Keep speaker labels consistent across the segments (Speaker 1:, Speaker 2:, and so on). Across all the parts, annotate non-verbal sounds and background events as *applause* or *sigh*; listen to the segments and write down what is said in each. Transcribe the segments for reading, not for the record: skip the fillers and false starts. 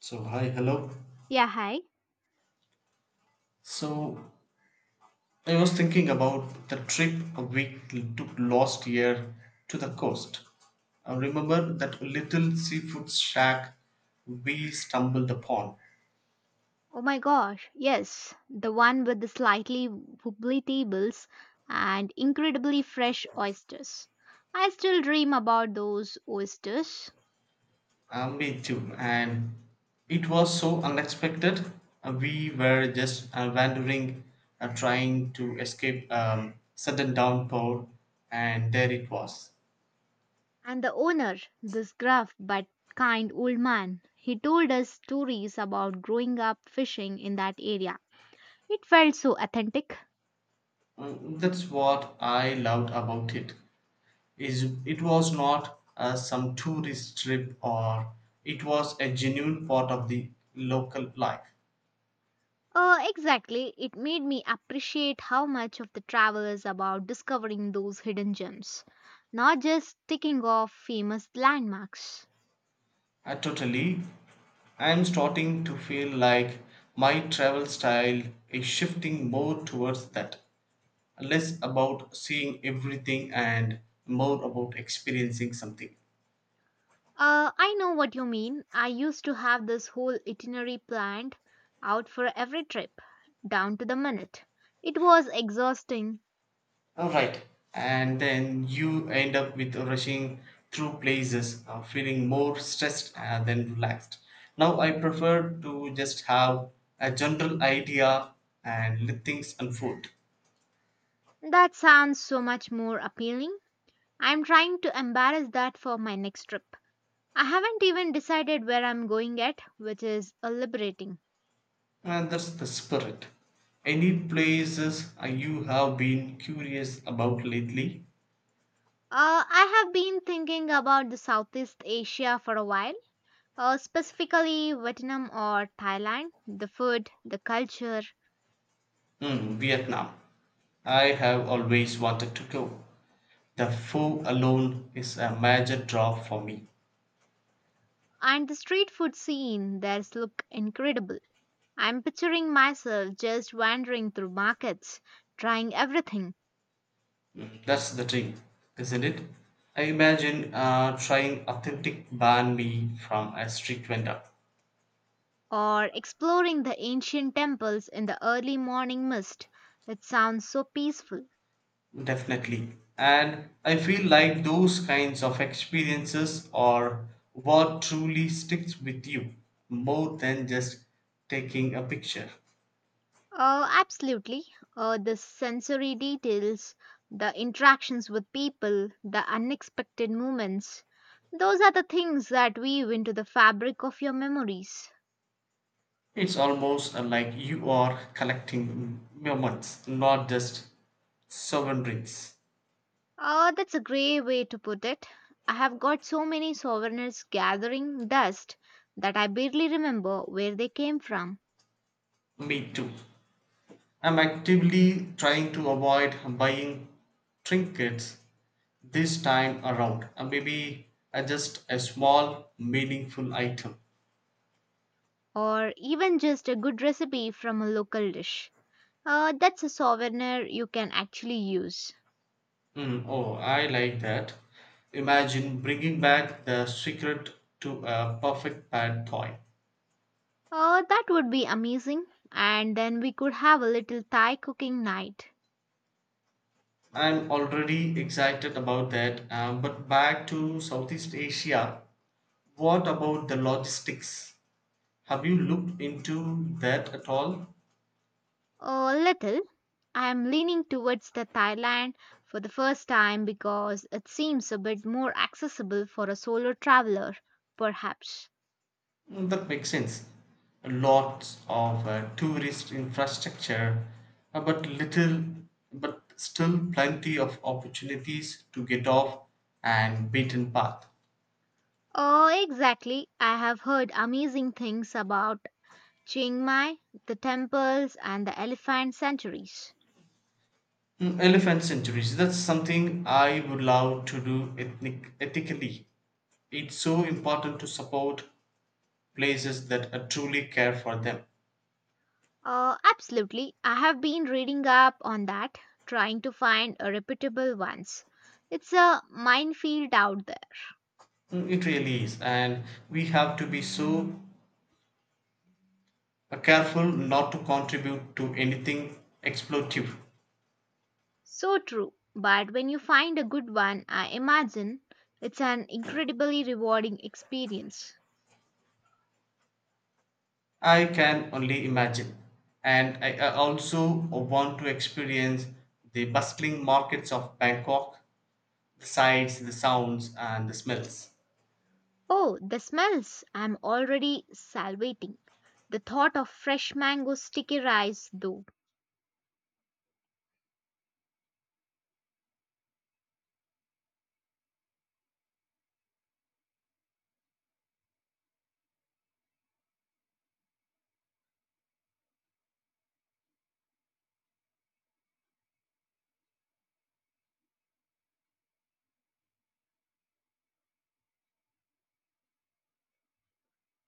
Speaker 1: So, hi, hello.
Speaker 2: Yeah, hi.
Speaker 1: So, I was thinking about the trip we took last year to the coast. I remember that little seafood shack we stumbled upon.
Speaker 2: Oh my gosh, yes, the one with the slightly wobbly tables and incredibly fresh oysters. I still dream about those oysters.
Speaker 1: Me too, and it was so unexpected. We were just wandering, trying to escape sudden downpour, and there it was.
Speaker 2: And the owner, this gruff but kind old man, he told us stories about growing up fishing in that area. It felt so authentic.
Speaker 1: Mm, that's what I loved about it. Is it was not some tourist trip, or it was a genuine part of the local life.
Speaker 2: Exactly. It made me appreciate how much of the travel is about discovering those hidden gems, not just ticking off famous landmarks.
Speaker 1: Totally, I am starting to feel like my travel style is shifting more towards that. Less about seeing everything and more about experiencing something.
Speaker 2: I know what you mean. I used to have this whole itinerary planned out for every trip, down to the minute. It was exhausting.
Speaker 1: Alright, and then you end up with rushing through places, feeling more stressed than relaxed. Now I prefer to just have a general idea and let things unfold.
Speaker 2: That sounds so much more appealing. I'm trying to embarrass that for my next trip. I haven't even decided where I'm going yet, which is liberating.
Speaker 1: And that's the spirit. Any places you have been curious about lately?
Speaker 2: I have been thinking about the Southeast Asia for a while, specifically Vietnam or Thailand. The food, the culture,
Speaker 1: Hmm, Vietnam. I have always wanted to go. The foe alone is a major draw for me.
Speaker 2: and the street food scene there look incredible. I'm picturing myself just wandering through markets, trying everything,
Speaker 1: That's the thing, isn't it? I imagine trying authentic banh mi from a street vendor.
Speaker 2: or exploring the ancient temples in the early morning mist. It sounds so peaceful.
Speaker 1: Definitely. And I feel like those kinds of experiences are what truly sticks with you more than just taking a picture.
Speaker 2: Absolutely. The sensory details, the interactions with people, the unexpected moments, those are the things that weave into the fabric of your memories.
Speaker 1: It's almost like you are collecting moments, not just souvenirs.
Speaker 2: That's a great way to put it. I have got so many souvenirs gathering dust that I barely remember where they came from,
Speaker 1: Me too. I'm actively trying to avoid buying trinkets this time around. Maybe just a small, meaningful item.
Speaker 2: or even just a good recipe from a local dish. That's a souvenir you can actually use.
Speaker 1: Mm, oh, I like that. Imagine bringing back the secret to a perfect pad toy.
Speaker 2: Oh, that would be amazing. And then we could have a little Thai cooking night.
Speaker 1: I'm already excited about that. But back to Southeast Asia, what about the logistics? Have you looked into that at all?
Speaker 2: A little. I am leaning towards the Thailand for the first time because it seems a bit more accessible for a solo traveler, perhaps.
Speaker 1: Mm, that makes sense. Lots of tourist infrastructure, uh, but little, but still plenty of opportunities to get off and beaten path.
Speaker 2: Oh, exactly. I have heard amazing things about Chiang Mai, the temples, and the elephant sanctuaries.
Speaker 1: Mm, elephant sanctuaries. That's something I would love to do ethnic, ethically. It's so important to support places that truly care for them.
Speaker 2: Absolutely. I have been reading up on that, trying to find a reputable ones. It's a minefield out there.
Speaker 1: Mm, it really is, and we have to be so careful not to contribute to anything exploitative.
Speaker 2: So true. But when you find a good one, I imagine it's an incredibly rewarding experience.
Speaker 1: I can only imagine. And I also want to experience the bustling markets of Bangkok, the sights, the sounds, and the smells.
Speaker 2: Oh, the smells! I'm already salivating. The thought of fresh mango sticky rice, though.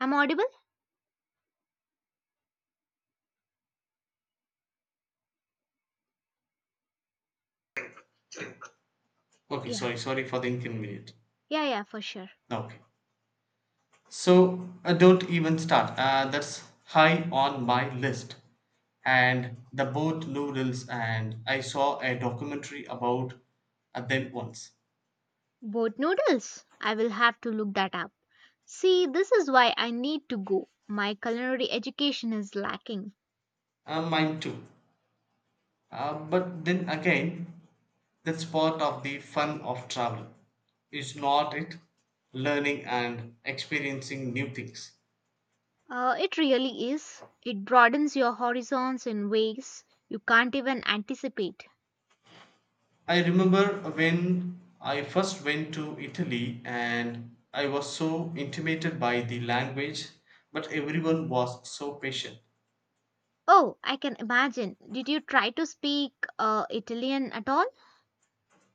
Speaker 2: I'm audible?
Speaker 1: Okay,
Speaker 2: Yeah,
Speaker 1: sorry, sorry for the inconvenience.
Speaker 2: yeah, yeah, for sure.
Speaker 1: Okay. So don't even start. That's high on my list. And the boat noodles, and I saw a documentary about them once.
Speaker 2: Boat noodles? I will have to look that up. See, this is why I need to go. My culinary education is lacking.
Speaker 1: Mine too. But then again, that's part of the fun of travel, is not it? Learning and experiencing new things.
Speaker 2: It really is. It broadens your horizons in ways you can't even anticipate.
Speaker 1: I remember when I first went to Italy and I was so intimidated by the language, but everyone was so patient.
Speaker 2: Oh, I can imagine. Did you try to speak Italian at all?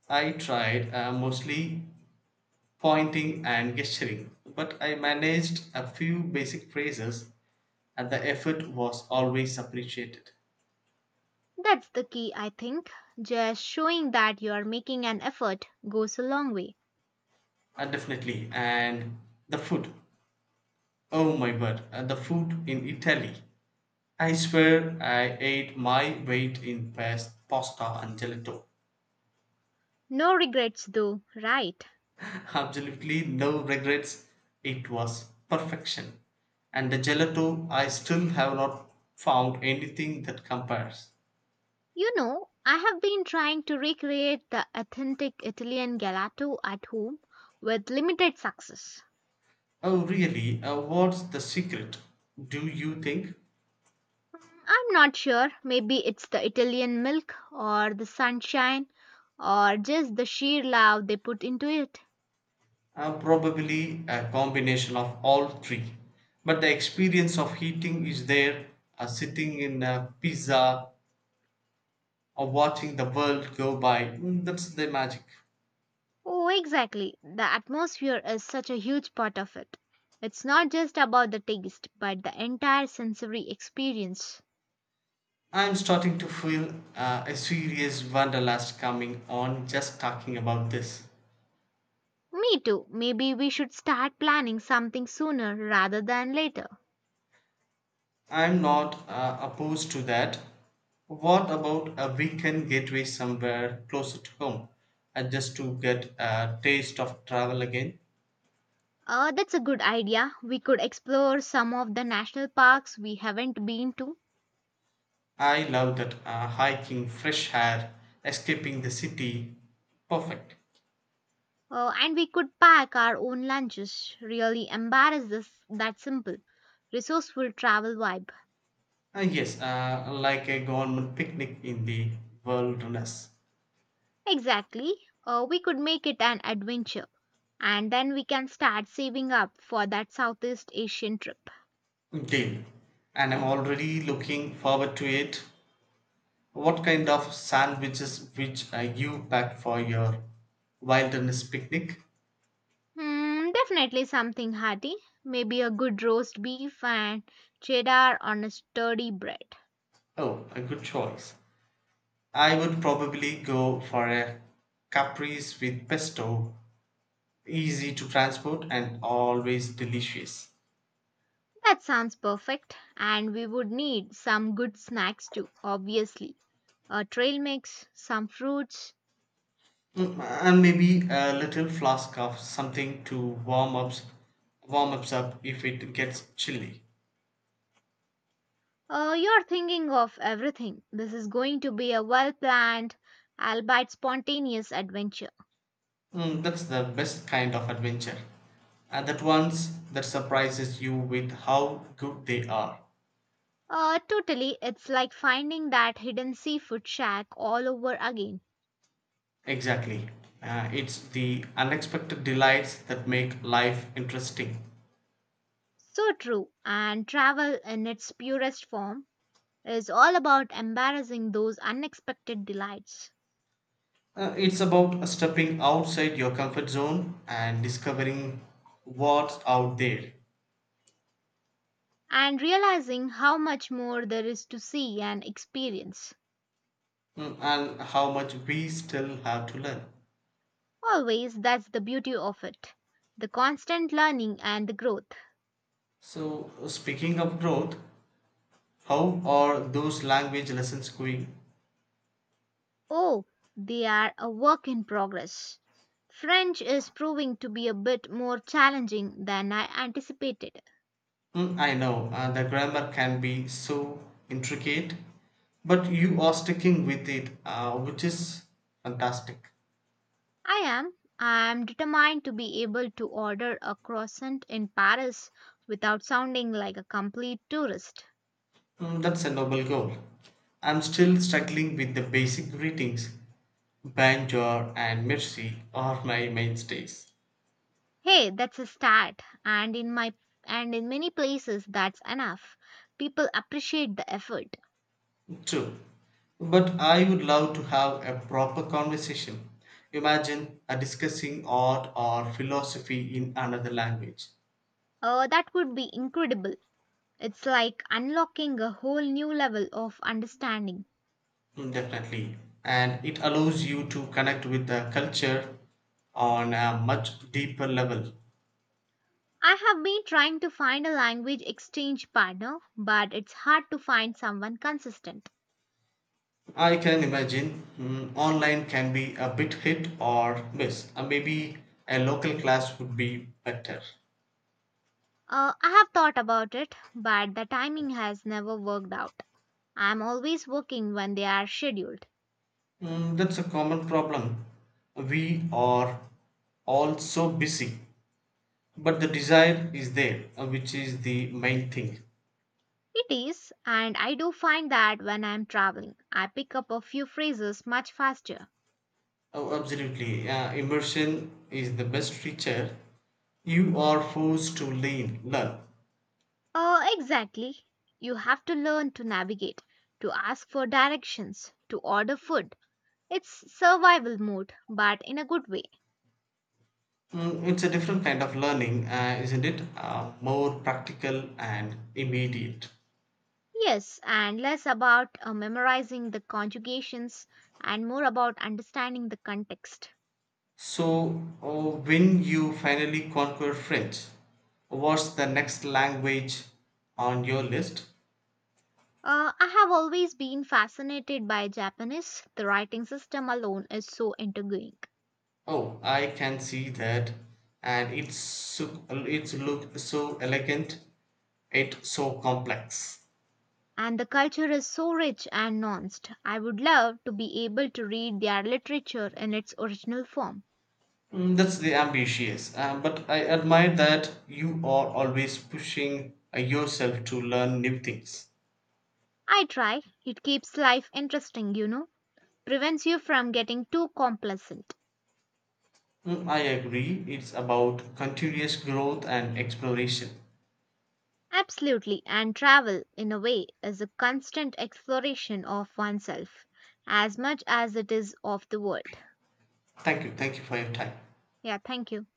Speaker 1: I tried mostly pointing and gesturing, but I managed a few basic phrases and the effort was always appreciated.
Speaker 2: That's the key, I think. Just showing that you are making an effort goes a long way.
Speaker 1: Definitely. And the food. Oh my word. The food in Italy. I swear I ate my weight in pasta and gelato.
Speaker 2: No regrets, though, right?
Speaker 1: *laughs* Absolutely no regrets. It was perfection. And the gelato, I still have not found anything that compares.
Speaker 2: You know, I have been trying to recreate the authentic Italian gelato at home with limited success.
Speaker 1: Oh, really? What's the secret? Do you think?
Speaker 2: Mm, I'm not sure, maybe it's the Italian milk or the sunshine or just the sheer love they put into it.
Speaker 1: Probably a combination of all three. But the experience of eating is there, sitting in a pizza or watching the world go by. Mm, that's the magic.
Speaker 2: Oh, exactly. The atmosphere is such a huge part of it. It's not just about the taste, but the entire sensory experience.
Speaker 1: I'm starting to feel a serious wanderlust coming on just talking about this.
Speaker 2: Me too. Maybe we should start planning something sooner rather than later.
Speaker 1: I'm not opposed to that. What about a weekend getaway somewhere closer to home, just to get a taste of travel again?
Speaker 2: That's a good idea. We could explore some of the national parks we haven't been to.
Speaker 1: I love that hiking, fresh air, escaping the city. Perfect.
Speaker 2: And we could pack our own lunches. Really embarrass this that simple. Resourceful travel vibe.
Speaker 1: Yes, like a government picnic in the wilderness.
Speaker 2: Exactly. We could make it an adventure. And then we can start saving up for that Southeast Asian trip.
Speaker 1: Deal. And I'm already looking forward to it. What kind of sandwiches which you pack for your wilderness picnic?
Speaker 2: Hmm, definitely something hearty. Maybe a good roast beef and cheddar on a sturdy bread.
Speaker 1: Oh, a good choice. I would probably go for a caprese with pesto, easy to transport and always delicious.
Speaker 2: That sounds perfect. And we would need some good snacks too, obviously. A trail mix, some fruits.
Speaker 1: Mm, and maybe a little flask of something to warm ups warm ups up if it gets chilly.
Speaker 2: You're thinking of everything. This is going to be a well planned, albeit spontaneous adventure.
Speaker 1: Mm, that's the best kind of adventure and that ones that surprises you with how good they are.
Speaker 2: Totally, it's like finding that hidden seafood shack all over again.
Speaker 1: Exactly. It's the unexpected delights that make life interesting.
Speaker 2: So true, and travel in its purest form is all about embarrassing those unexpected delights.
Speaker 1: It's about stepping outside your comfort zone and discovering what's out there.
Speaker 2: And realizing how much more there is to see and experience.
Speaker 1: Mm, and how much we still have to learn.
Speaker 2: Always, that's the beauty of it, the constant learning and the growth.
Speaker 1: So, speaking of growth, how are those language lessons going?
Speaker 2: Oh, they are a work in progress. French is proving to be a bit more challenging than I anticipated.
Speaker 1: Mm, I know the grammar can be so intricate, but you are sticking with it, which is fantastic.
Speaker 2: I am. I am determined to be able to order a croissant in Paris without sounding like a complete tourist.
Speaker 1: Mm, that's a noble goal. I'm still struggling with the basic greetings. Banjor and Mirsi are my mainstays.
Speaker 2: Hey, that's a start. And in my and in many places that's enough. People appreciate the effort.
Speaker 1: True. But I would love to have a proper conversation. Imagine discussing art or philosophy in another language.
Speaker 2: That would be incredible. It's like unlocking a whole new level of understanding.
Speaker 1: Mm, definitely. And it allows you to connect with the culture on a much deeper level.
Speaker 2: I have been trying to find a language exchange partner, but it's hard to find someone consistent.
Speaker 1: I can imagine mm, online can be a bit hit or miss. Maybe a local class would be better.
Speaker 2: I have thought about it, but the timing has never worked out. I'm always working when they are scheduled.
Speaker 1: Mm, that's a common problem. We are all so busy, but the desire is there, which is the main thing.
Speaker 2: It is, and I do find that when I'm traveling, I pick up a few phrases much faster.
Speaker 1: Oh, absolutely, immersion is the best feature. You are forced to lean learn.
Speaker 2: Exactly. You have to learn to navigate, to ask for directions, to order food. It's survival mode, but in a good way.
Speaker 1: Mm, it's a different kind of learning, isn't it, more practical and immediate.
Speaker 2: Yes, and less about memorizing the conjugations and more about understanding the context.
Speaker 1: So when you finally conquer french, what's the next language on your list?
Speaker 2: I have always been fascinated by Japanese. The writing system alone is so intriguing.
Speaker 1: Oh, I can see that. And it's so, it's look so elegant, it's so complex.
Speaker 2: And the culture is so rich and nuanced. I would love to be able to read their literature in its original form.
Speaker 1: Mm, that's the ambitious. But I admire that you are always pushing yourself to learn new things.
Speaker 2: I try, it keeps life interesting, you know, prevents you from getting too complacent.
Speaker 1: Mm, I agree. It's about continuous growth and exploration.
Speaker 2: Absolutely, and travel, in a way, is a constant exploration of oneself as much as it is of the world.
Speaker 1: Thank you. Thank you for your time.
Speaker 2: Yeah, thank you.